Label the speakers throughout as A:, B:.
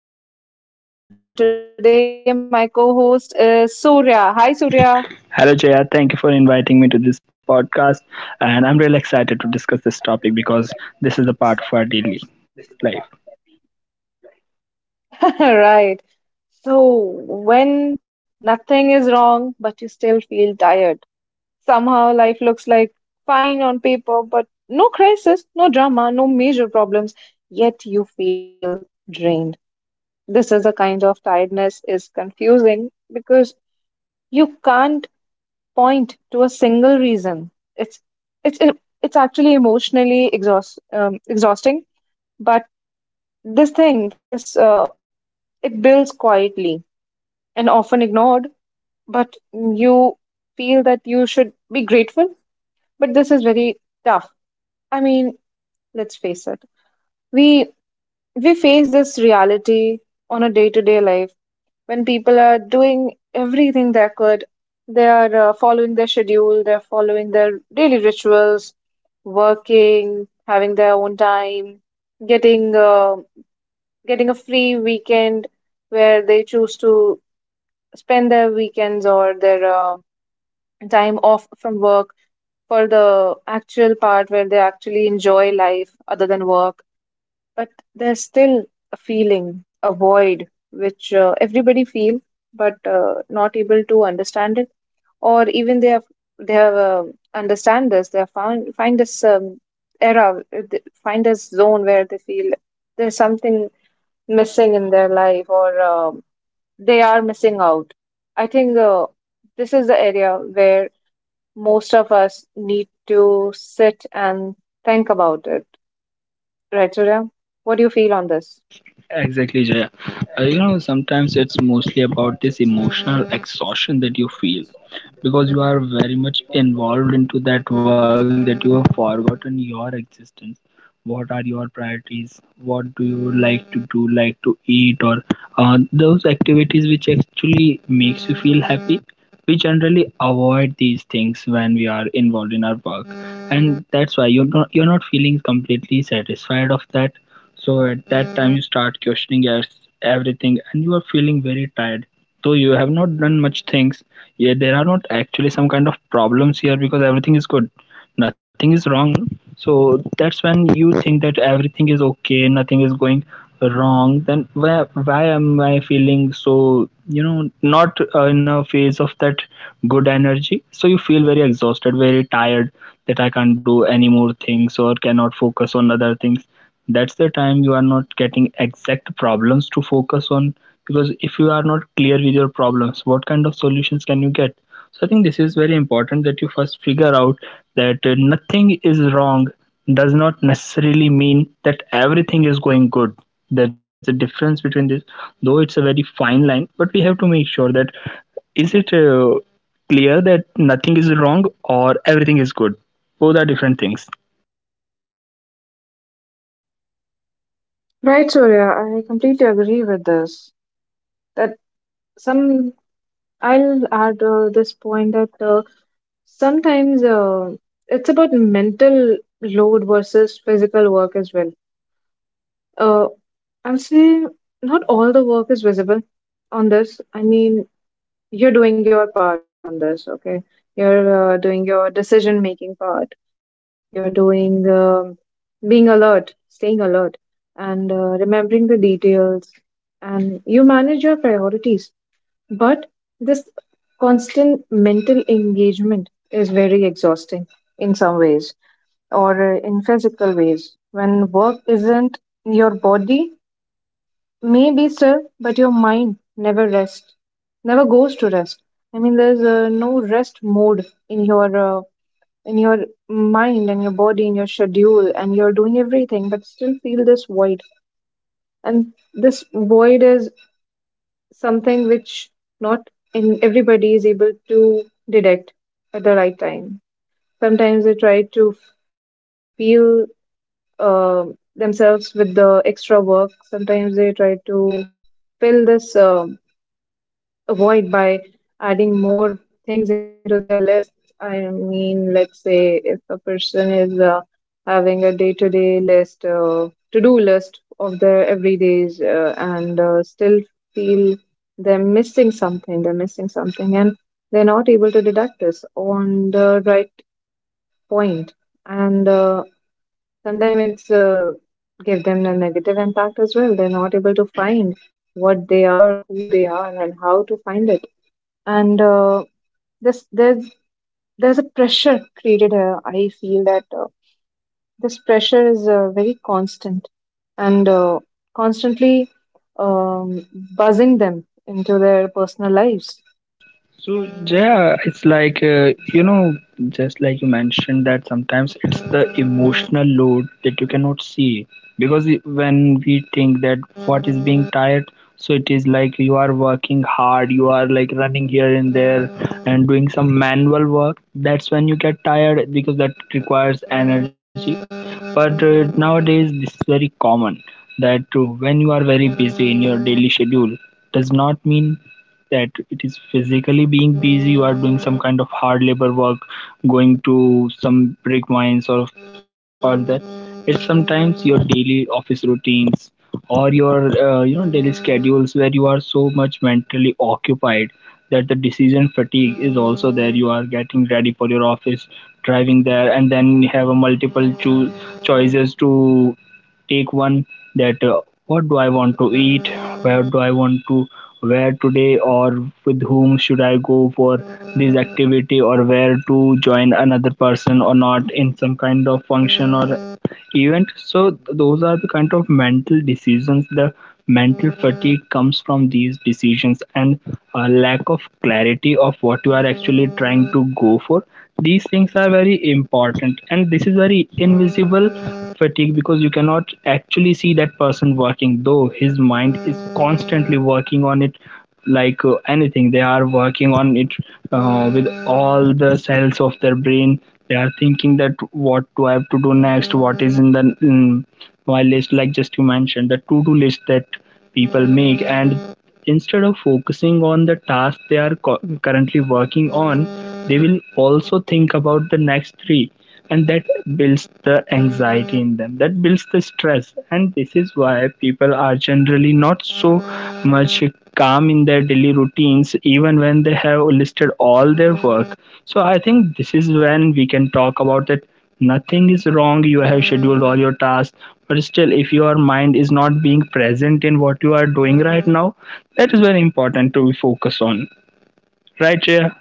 A: is wrong, but you still feel tired. And today, my co host is Surya. Hi,
B: Hello,
A: Surya.
B: Jaya. Thank you for inviting me to this podcast. And I'm really excited to discuss this topic because this is a part of our daily life.
A: Right. So, when nothing is wrong, but you still feel tired, somehow life looks like fine on paper, but no crisis, no drama, no major problems, yet you feel drained. This is a kind of tiredness is confusing because you can't point to a single reason. It's it's it's actually emotionally exhausting, but this thing, this it builds quietly and often ignored, but you feel that you should be grateful, but this is very tough. I mean, let's face it. We we face this reality on a day-to-day life when people are doing everything they could. They are following their schedule, they're following their daily rituals, working, having their own time, getting uh, getting a free weekend where they choose to spend their weekends or their time off from work for the actual part where they actually enjoy life other than work, but there's still a feeling, a void, which everybody feel, but not able to understand it, or even they have understand this. They have found find this find this zone where they feel there's something missing in their life, or they are missing out. I think this is the area where most of us need to sit and think about it. Right, Surya? What do you feel on this?
B: Exactly, Jaya. Sometimes it's mostly about this emotional exhaustion that you feel because you are very much involved into that work that you have forgotten your existence. What are your priorities, what do you like to do, like to eat, or those activities which actually makes you feel happy? We generally avoid these things when we are involved in our work, and that's why you're not feeling completely satisfied of that. So at that time you start questioning everything, and you are feeling very tired though you have not done much things. Yeah, there are not actually some kind of problems here because everything is good, nothing is wrong. So that's when you think that everything is okay, nothing is going wrong. Then why am I feeling so, not in a phase of that good energy? So you feel very exhausted, very tired, that I can't do any more things or cannot focus on other things. That's the time you are not getting exact problems to focus on, because if you are not clear with your problems, what kind of solutions can you get? So I think this is very important that you first figure out that nothing is wrong does not necessarily mean that everything is going good. There's a difference between this, though it's a very fine line, but we have to make sure that is it clear that nothing is wrong or everything is good? Both are different things.
A: Right, Surya, I completely agree with this. That some I'll add this point that sometimes it's about mental load versus physical work as well. Uh, I'll say not all the work is visible on this. I mean, you're doing your part on this. Okay, you're doing your decision making part, you're doing being alert, staying alert, and remembering the details, and you manage your priorities, but this constant mental engagement is very exhausting in some ways or in physical ways when work isn't your body. Maybe, sir, but your mind never rests, never goes to rest. I mean, there's no rest mode in your mind and your body and your schedule, and you're doing everything, but still feel this void. And this void is something which not in everybody is able to detect at the right time. Sometimes they try to feel uh, themselves with the extra work. Sometimes they try to fill this, avoid by adding more things into their list. I mean, let's say if a person is having a day to day list, to do list of their everydays, and still feel they're missing something, and they're not able to deduct this on the right point. And sometimes it's give them a negative impact as well. They're not able to find what they are, who they are, and how to find it. And this there's a pressure created here. I feel that this pressure is very constant and constantly um, buzzing them into their personal lives.
B: So yeah, it's like just like you mentioned that sometimes it's the emotional load that you cannot see, because when we think that what is being tired, so it is like you are working hard, you are like running here and there and doing some manual work. That's when you get tired because that requires energy. But nowadays this is very common that when you are very busy in your daily schedule does not mean that it is physically being busy, you are doing some kind of hard labor work, going to some brick mines, or that, it's sometimes your daily office routines or your daily schedules where you are so much mentally occupied that the decision fatigue is also there. You are getting ready for your office, driving there, and then have a multiple choices to take one, that what do I want to eat, where do I want to wear today, or with whom should I go for this activity, or where to join another person or not in some kind of function or event. So those are the kind of mental decisions. The mental fatigue comes from these decisions and a lack of clarity of what you are actually trying to go for. These things are very important, and this is very invisible fatigue because you cannot actually see that person working, though his mind is constantly working on it, like anything they are working on it, with all the cells of their brain. They are thinking that what do I have to do next, what is in the um, my list, like just you mentioned the to-do list that people make, and instead of focusing on the task they are currently working on, they will also think about the next three, and that builds the anxiety in them, that builds the stress, and this is why people are generally not so much calm in their daily routines even when they have listed all their work. So I think this is when we can talk about that nothing is wrong, you have scheduled all your tasks, but still if your mind is not being present in what you are doing right now, that is very important to focus on, right, Jaya?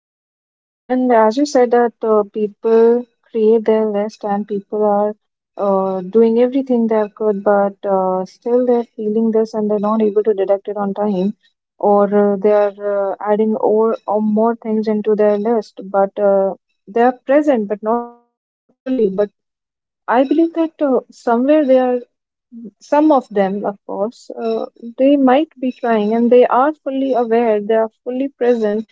A: Right, Surya. And as you said that people create their list and people are doing everything they could, but still they're feeling this and they're not able to detect it on time, or they are adding or more things into their list, but they are present but not fully. But I believe that somewhere they are, some of them, of course, they might be trying and they are fully aware, they are fully present,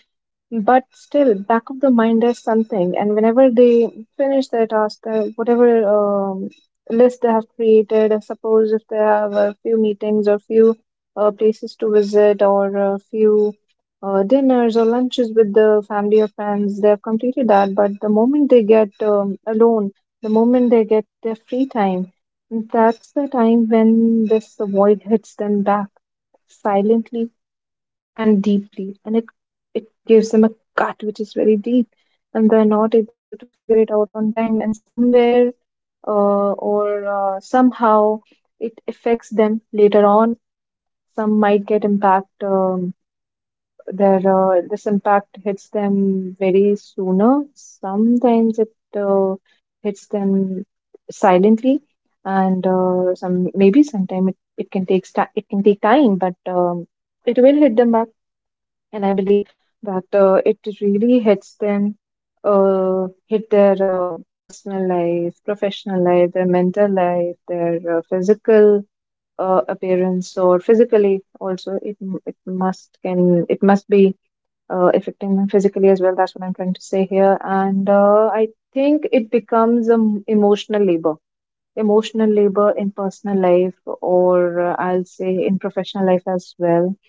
A: but still, back of the mind is something. And whenever they finish their task, whatever list they have created, suppose if they have a few meetings or few places to visit or a few dinners or lunches with the family or friends, they have completed that. But the moment they get alone, the moment they get their free time, that's the time when this void hits them back silently and deeply, and it gives them a cut which is very deep, and they're not able to figure it out on time. And somewhere or somehow it affects them later on. Some might get impact their this impact hits them very sooner. Sometimes it hits them silently, and some maybe sometime it it can take time, but it will hit them back. And I believe that it really hits them, hit their personal life, professional life, their mental life, their physical appearance, or physically also. It must be affecting them physically as well. That's what I'm trying to say here, and I think it becomes an emotional labor. Emotional labor in personal life, or I'll say in professional life as well.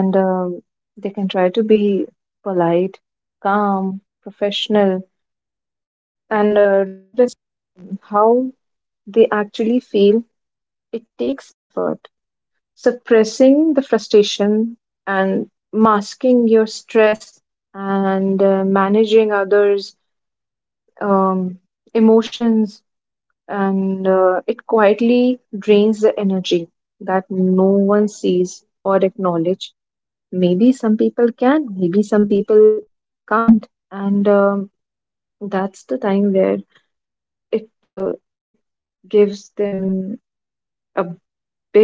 A: And they can try to be polite, calm, professional, and regardless how they actually feel, it takes effort. Suppressing the frustration and masking your stress and managing others' um, emotions, and it quietly drains the energy that no one sees or acknowledge. Maybe some people can, maybe some people can't, and that's the time where it uh, it gives them a big,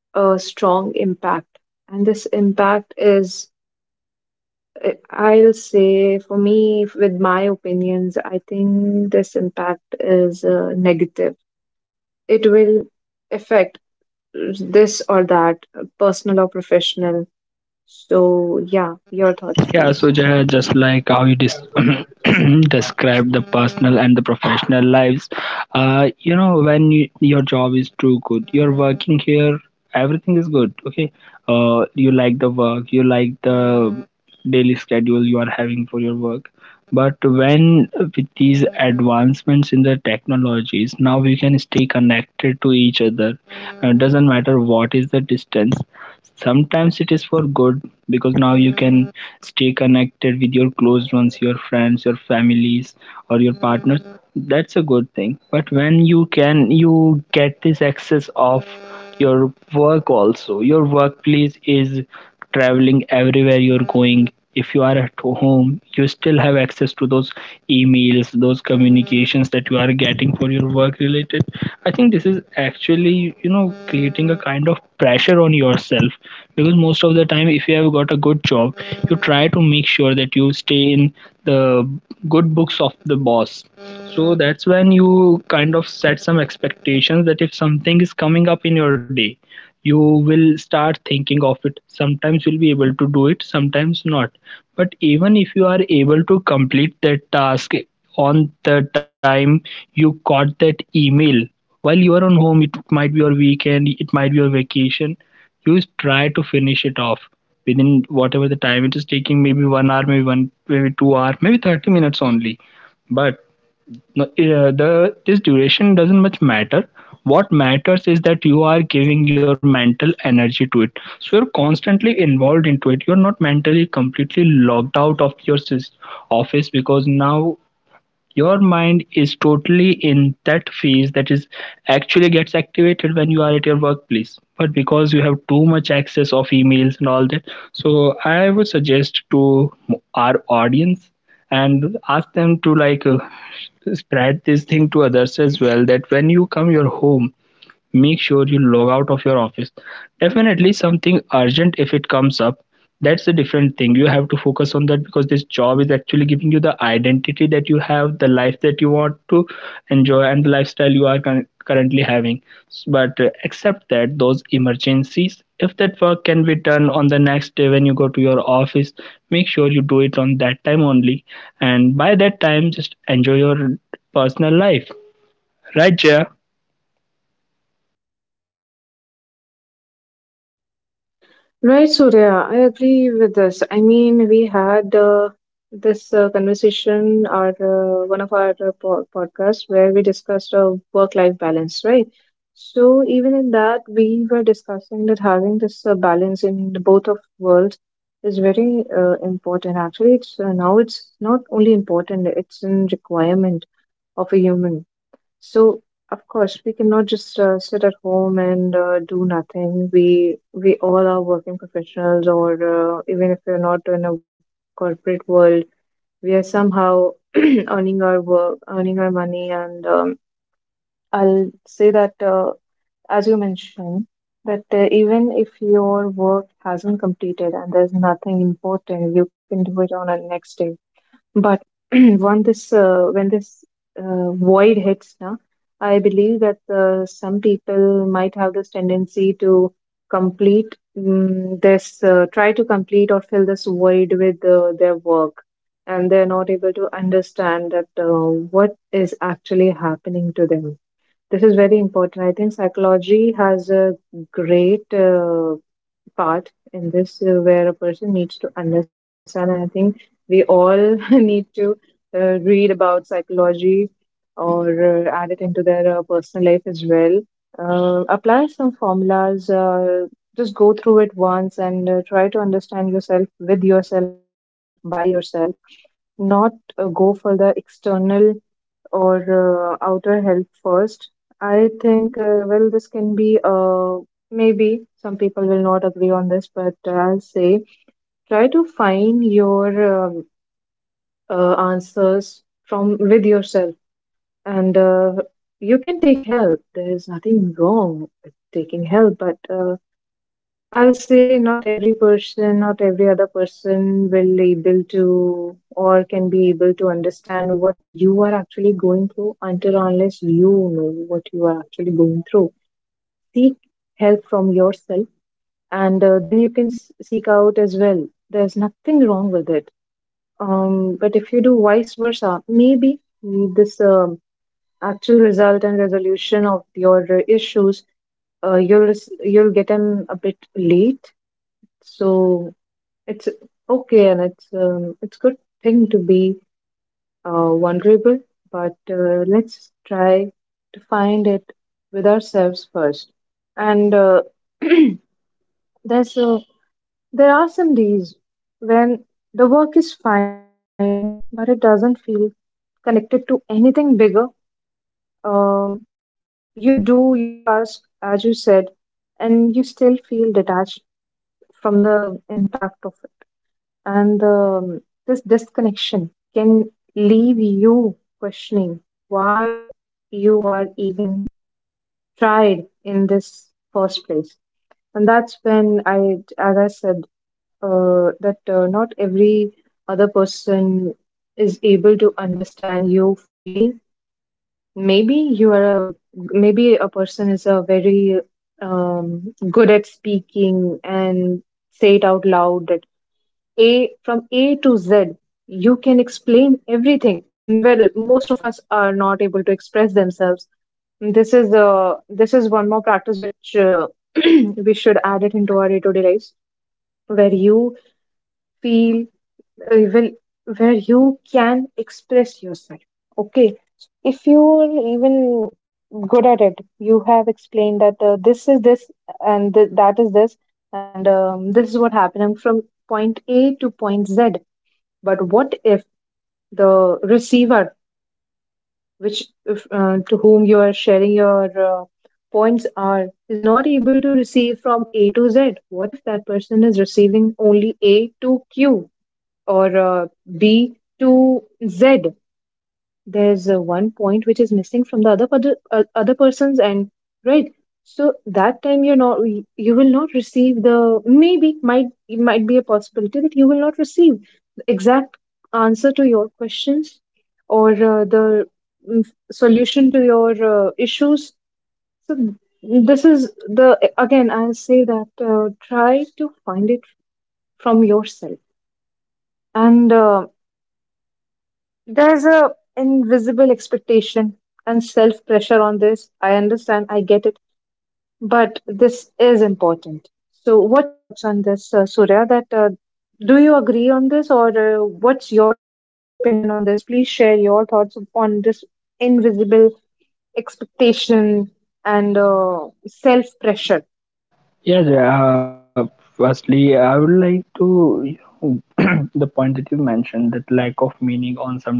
A: strong impact. And this impact is, I'll say, for me, with my opinions, I think this impact is negative. It will affect this or that, personal or professional. So, yeah, your thoughts,
B: Yeah, so
A: please.
B: Jaya, just like how you describe the personal and the professional lives, your job is too good, you're working here, everything is good, okay? You like the work, you like the daily schedule you are having for your work. But when with these advancements in the technologies, now we can stay connected to each other. It doesn't matter what is the distance. Sometimes it is for good because now you can stay connected with your close ones, your friends, your families, or your partners. That's a good thing, but when you get this access of your work also, your workplace is traveling everywhere you're going. If you are at home, you still have access to those emails, those communications that you are getting for your work related. I think this is actually creating a kind of pressure on yourself, because most of the time if you have got a good job, you try to make sure that you stay in the good books of the boss. So that's when you kind of set some expectations that if something is coming up in your day, you will start thinking of it. Sometimes you'll be able to do it, sometimes not. But even if you are able to complete that task on the time you got that email, while you are on home, it might be your weekend, it might be your vacation, you try to finish it off within whatever the time it is taking, maybe 1 hour, maybe 1, maybe 2 hour maybe 30 minutes only. But no, the This duration doesn't much matter. What matters is that you are giving your mental energy to it. So you're constantly involved into it. You're not mentally completely locked out of your office, because now your mind is totally in that phase that is actually gets activated when you are at your workplace, but because you have too much access of emails and all that, so I would suggest to our audience and ask them to like spread this thing to others as well, that when you come your home, make sure you log out of your office. Definitely something urgent if it comes up, that's a different thing, you have to focus on that, because this job is actually giving you the identity that you have, the life that you want to enjoy, and the lifestyle you are currently having. But accept that those emergencies, if that work can be done on the next day when you go to your office, make sure you do it on that time only, and by that time just enjoy your personal life, right, Jaya?
A: Right, Surya, I agree with this. I mean, we had this conversation or one of our podcasts where we discussed work-life balance, right? So even in that, we were discussing that having this balance in the both of worlds is very important. Actually, it's now it's not only important; it's a requirement of a human. So, of course, we cannot just sit at home and do nothing. We all are working professionals, or even if we're not in a corporate world, we are somehow earning our work, earning our money. And I'll say that, as you mentioned, that even if your work hasn't completed and there's nothing important, you can do it on a next day, but when this void hits, now I believe that some people might have this tendency to complete mm this try to complete or fill this void with their work, and they're not able to understand that what is actually happening to them. This is very important. I think psychology has a great part in this where a person needs to understand. And I think we all need to read about psychology or add it into their personal life as well. Apply some formulas, just go through it once and try to understand yourself with yourself, by yourself, not go for the external or outer help first. I think, well, this can be maybe some people will not agree on this, but I'll say try to find your answers from with yourself, and you can take help. There is nothing wrong with taking help, but I'll say not every person, not every other person will able to or can be able to understand what you are actually going through until unless you know what you are actually going through. Seek help from yourself, and then you can seek out as well. There's nothing wrong with it. But if you do vice versa, maybe this actual result and resolution of your issues you'll get them a bit late. So it's okay, and it's good thing to be vulnerable, but let's try to find it with ourselves first. And there's a, there are some days when the work is fine, but it doesn't feel connected to anything bigger. Um, you do your task as you said, and you still feel detached from the impact of it. And this disconnection can leave you questioning why you are even tried in this first place. And that's when as I said, that not every other person is able to understand you fully. Maybe you are a maybe a person is a very good at speaking and say it out loud that a from A to Z. You can explain everything. Well, most of us are not able to express themselves. This is one more practice which we should add it into our day-to-day lives, where you feel well, where you can express yourself. Okay, if you are even good at it, you have explained that this is this, and that is this, and this is what happened. I'm from point A to point Z, but what if the receiver, which if, to whom you are sharing your points are, is not able to receive from A to Z? What if that person is receiving only A to Q, or B to Z? There's one point which is missing from the other other person's end, right? So that time you will not receive the maybe might it might be a possibility that you will not receive the exact answer to your questions, or the mm, solution to your issues. So this is the again, I'll say that try to find it from yourself. And there's a invisible expectation and self pressure on this. I understand, I get it, but this is important. So, what's your thoughts on this, Surya? That do you agree on this, or what's your opinion on this? Please share your thoughts on this invisible expectation and self pressure.
B: Yeah, Jay, firstly, I would like to, the point that you mentioned, that lack of meaning on some days.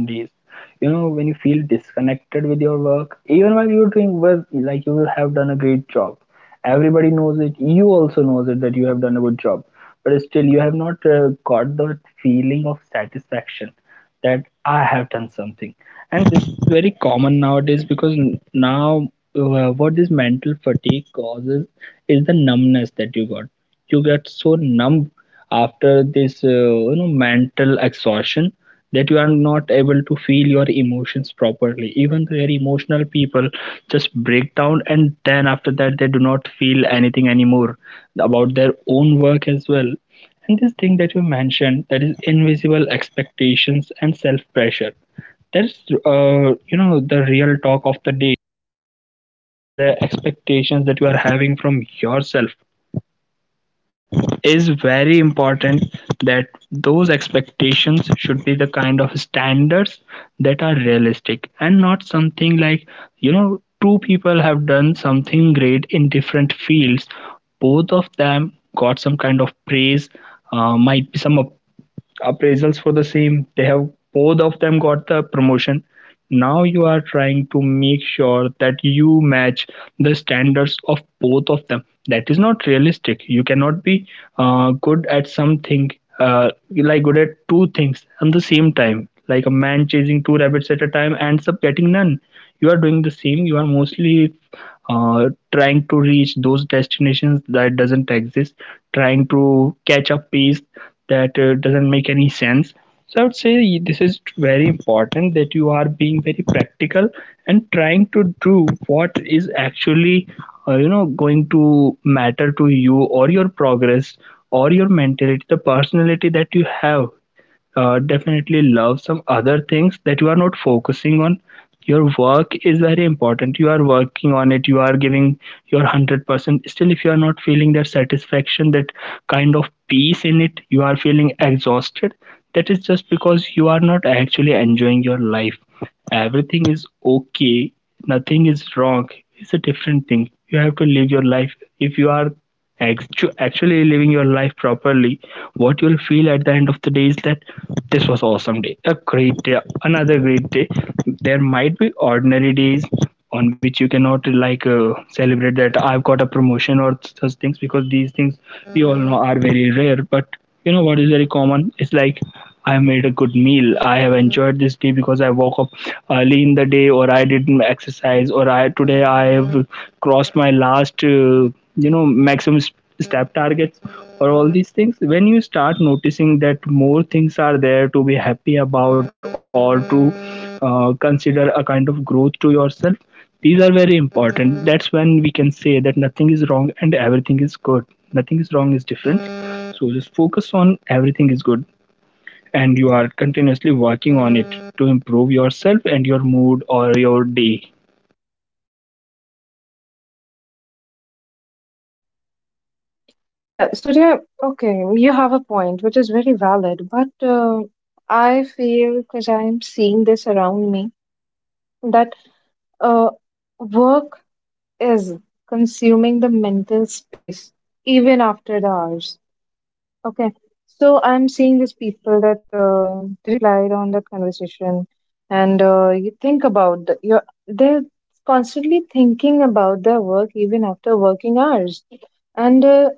B: You know, when you feel disconnected with your work, even while you're doing well, like you will have done a great job. Everybody knows it. You also knows it that you have done a good job, but still you have not got that feeling of satisfaction that I have done something. And this is very common nowadays because now, what this mental fatigue causes is the numbness that you got. You get so numb after this mental exhaustion that you are not able to feel your emotions properly. Even the very emotional people just break down, and then after that they do not feel anything anymore about their own work as well. And this thing that you mentioned, that is invisible expectations and self-pressure. That's the real talk of the day. That the expectations that you are having from yourself is very important. That those expectations should be the kind of standards that are realistic and not something like, two people have done something great in different fields, both of them got some kind of praise, might be some appraisals for the same. They have both of them got the promotion. Now you are trying to make sure that you match the standards of both of them. That is not realistic. You cannot be good at something, uh, like good at two things at the same time. Like a man chasing two rabbits at a time and ends up getting none, you are doing the same. You are mostly uh, trying to reach those destinations that doesn't exist, trying to catch up pace that doesn't make any sense. So I would say this is very important that you are being very practical and trying to do what is actually going to matter to you or your progress or your mentality, the personality that you have. Definitely love some other things that you are not focusing on. Your work is very important, you are working on it, you are giving your 100%, still if you are not feeling that satisfaction, that kind of peace in it, you are feeling exhausted. That is just because you are not actually enjoying your life. Everything is okay, nothing is wrong. It's a different thing, you have to live your life. If you are actually living your life properly, what you'll feel at the end of the day is that this was awesome day, a great day, another great day. There might be ordinary days on which you cannot like celebrate that I've got a promotion or such things, because these things we all know are very rare. But you know what is very common? It's like I made a good meal. I have enjoyed this day because I woke up early in the day, or I did my exercise, or I today I have crossed my last, maximum step targets, or all these things. When you start noticing that more things are there to be happy about, or to consider a kind of growth to yourself, these are very important. That's when we can say that nothing is wrong and everything is good. Nothing is wrong is different. So just focus on everything is good, and you are continuously working on it to improve yourself and your mood or your day.
A: Yeah, Surya. Okay, you have a point, which is very valid, but I feel, because I'm seeing this around me, that Uh, work is consuming the mental space even after the hours. Okay. So I'm seeing these people that didn't reply on that conversation, and you think about the, you're they're constantly thinking about their work even after working hours, and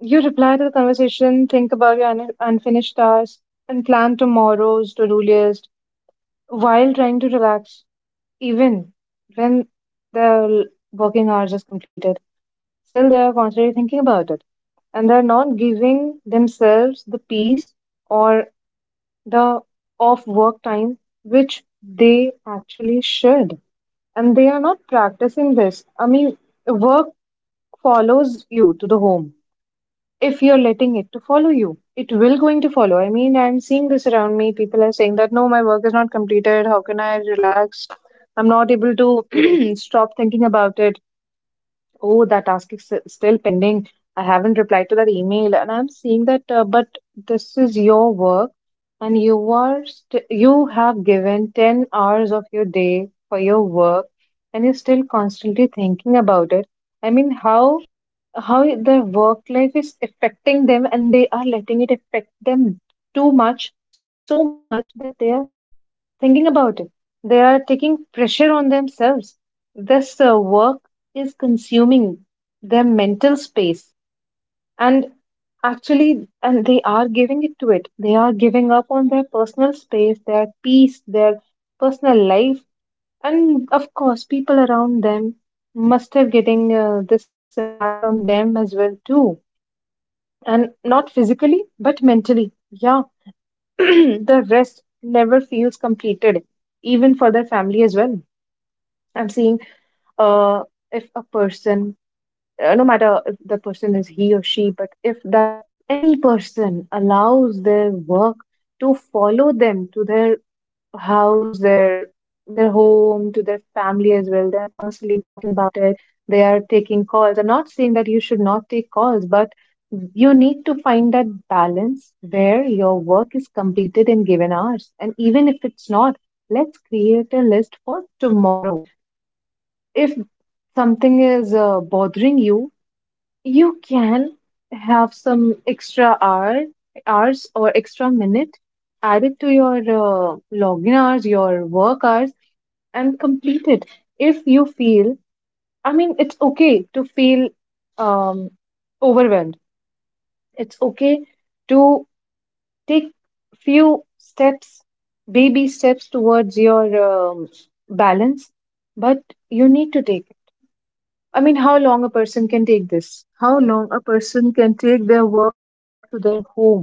A: you reply to the conversation, think about your unfinished tasks, and plan tomorrow's to do list while trying to relax, even when their working hours is completed. Still, they are constantly thinking about it, and they're not giving themselves the peace or the off work time which they actually should. And they are not practicing this. I mean, work follows you to the home. If you're letting it to follow you, it will going to follow. I mean, I'm seeing this around me. People are saying that, no, my work is not completed, how can I relax? I'm not able to stop thinking about it. Oh, that task is still pending. I haven't replied to that email, and I'm seeing that but this is your work, and you have given 10 hours of your day for your work, and you're still constantly thinking about it. I mean, how their work life is affecting them, and they are letting it affect them too much, so much that they are thinking about it. They are taking pressure on themselves. This work is consuming their mental space, and actually, and they are giving it to it. They are giving up on their personal space, their peace, their personal life, and of course people around them must have getting this impact on them as well too, and not physically but mentally, yeah. The rest never feels completed, even for their family as well. I'm seeing uh, if a person, no matter if the person is he or she, but if that any person allows their work to follow them to their house, their home, to their family as well, they are constantly talking about it. They are taking calls. I'm not saying that you should not take calls, but you need to find that balance where your work is completed in given hours. And even if it's not, let's create a list for tomorrow. If something is bothering you can have some extra hours or extra minute added to your login hours, your work hours, and complete it. If you feel, I mean, it's okay to feel um, overwhelmed. It's okay to take few steps, baby steps towards your um, balance, but you need to take I mean, how long a person can take this? How long a person can take their work to their home?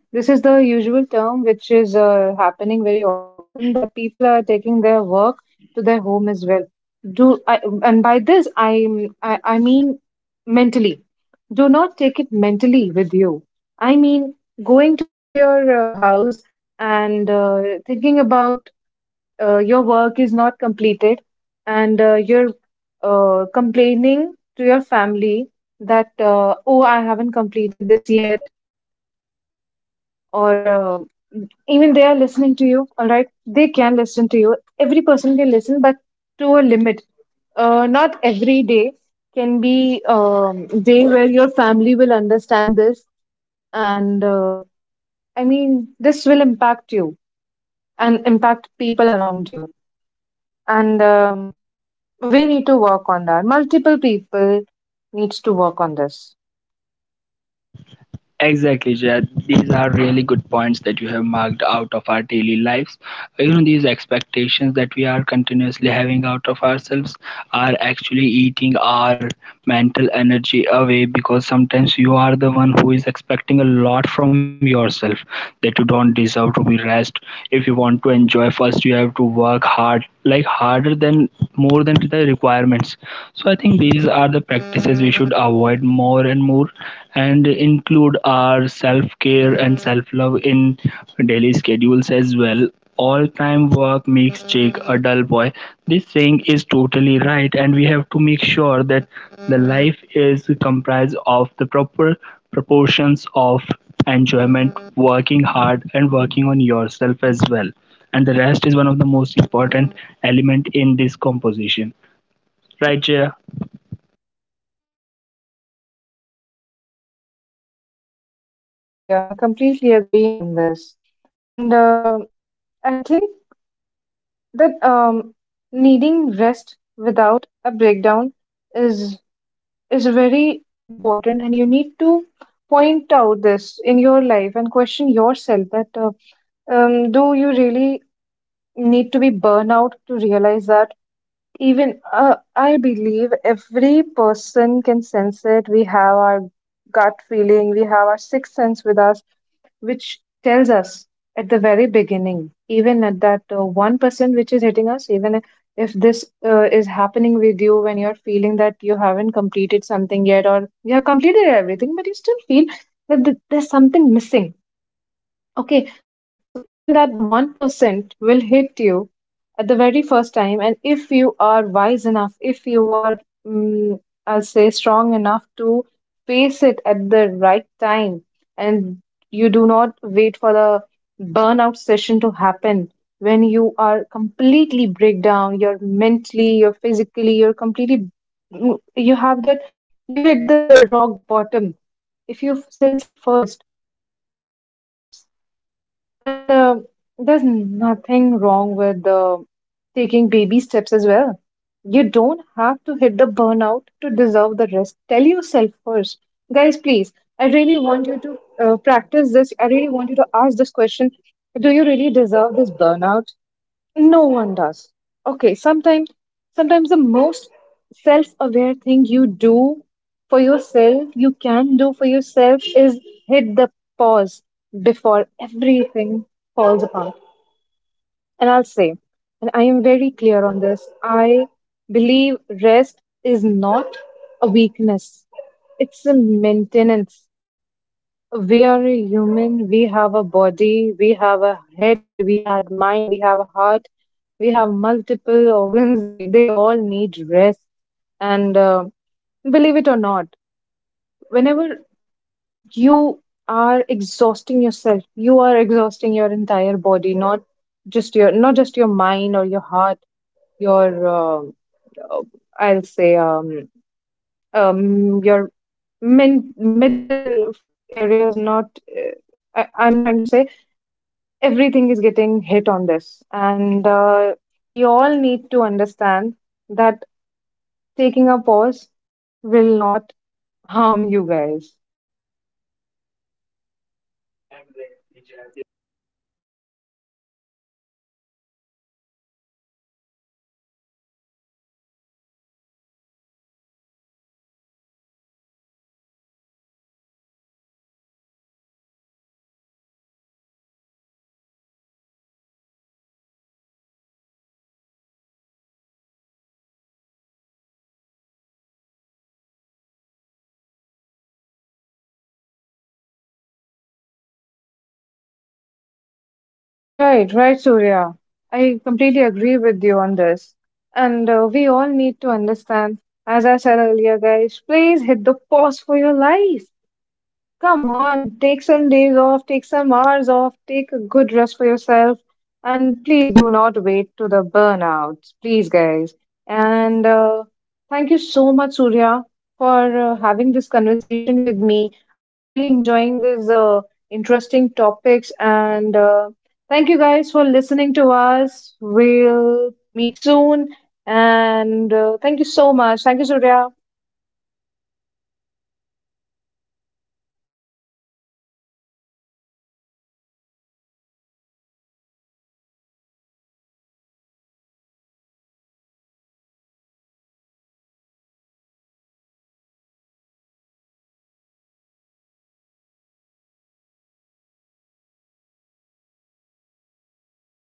A: This is the usual term which is happening very often, that people are taking their work to their home as well. And by this I, I mean, mentally. Do not take it mentally with you. I mean, going to your house and thinking about your work is not completed, and you're complaining to your family that oh, I haven't completed this yet, or even they are listening to you, all right, they can listen to you, every person can listen, but to a limit. Not every day can be day where your family will understand this, and I mean, this will impact you and impact people around you, and we need to work on that, multiple people needs to work on this.
B: Exactly, Jed. These are really good points that you have marked out of our daily lives. You know, these expectations that we are continuously having out of ourselves are actually eating our mental energy away, because sometimes you are the one who is expecting a lot from yourself that you don't deserve to be rest. If you want to enjoy, first you have to work hard, like harder than, more than the requirements. So I think these are the practices we should avoid more and more, and include our self-care and self-love in daily schedules as well. All-time work makes Jake a dull boy. This saying is totally right, and we have to make sure that the life is comprised of the proper proportions of enjoyment, working hard, and working on yourself as well. And the rest is one of the most important element in this composition. Right, Jaya?
A: Right, Surya. I completely agree on this. And I think that needing rest without a breakdown is is very important, and you need to point out this in your life and question yourself that do you really need to be burnout to realize that, even I believe every person can sense it. We have our gut feeling, we have our sixth sense with us, which tells us at the very beginning, even at that 1% which is hitting us. Even if this is happening with you, when you're feeling that you haven't completed something yet, or you have completed everything but you still feel that there's something missing. Okay, so even that 1% will hit you at the very first time. And if you are wise enough, if you are, mm I'll say, strong enough to face it at the right time, and you do not wait for the burnout session to happen, when you are completely break down, you're mentally, you're physically, you're completely, you have that, you hit that rock bottom. If you sense it first, take the steps, and there's nothing wrong with taking baby steps as well. You don't have to hit the burnout to deserve the rest. Tell yourself first. Guys, please, I really want you to practice this. I really want you to ask this question. Do you really deserve this burnout? No one does. Okay, sometimes the most self-aware thing you can do for yourself is hit the pause before everything falls apart. And I'll say, and I am very clear on this, I believe rest is not a weakness. It's a maintenance. We are a human, we have a body, we have a head, we have mind, we have a heart, we have multiple organs. They all need rest, and believe it or not, whenever you are exhausting yourself, you are exhausting your entire body, not just your mind or your heart, your uh, I'll say, your medical areas, not, I'm trying to say everything is getting hit on this. And we all need to understand that taking a pause will not harm you guys.
B: Exactly, Jaya. This actually reminds me of my early days of my career. Like when I started working on my career line, initially I was like, I wanted to be the best. I wanted to be at the top of everything and make sure that everything is done, not just like it is done, it should look like exceptional, that I am doing a great job and everybody is liking it. I think these kind of validations and all these feelings are actually what makes you feel very exhausted and tired in your daily lives.
A: Right, right, Surya. I completely agree with you on this. And we all need to understand, as I said earlier, guys, please hit the pause for your life. Come on, take some days off, take some hours off, take a good rest for yourself, and please do not wait to the burnouts, please, guys. And thank you so much, Surya, for having this conversation with me. I'm really enjoying these interesting topics, and thank you guys for listening to us. We'll meet soon, and thank you so much. Thank you, Surya.
B: उसको चलने दे। Thank you so much, Jaya, for inviting me to this podcast. I have also learned a new things as well.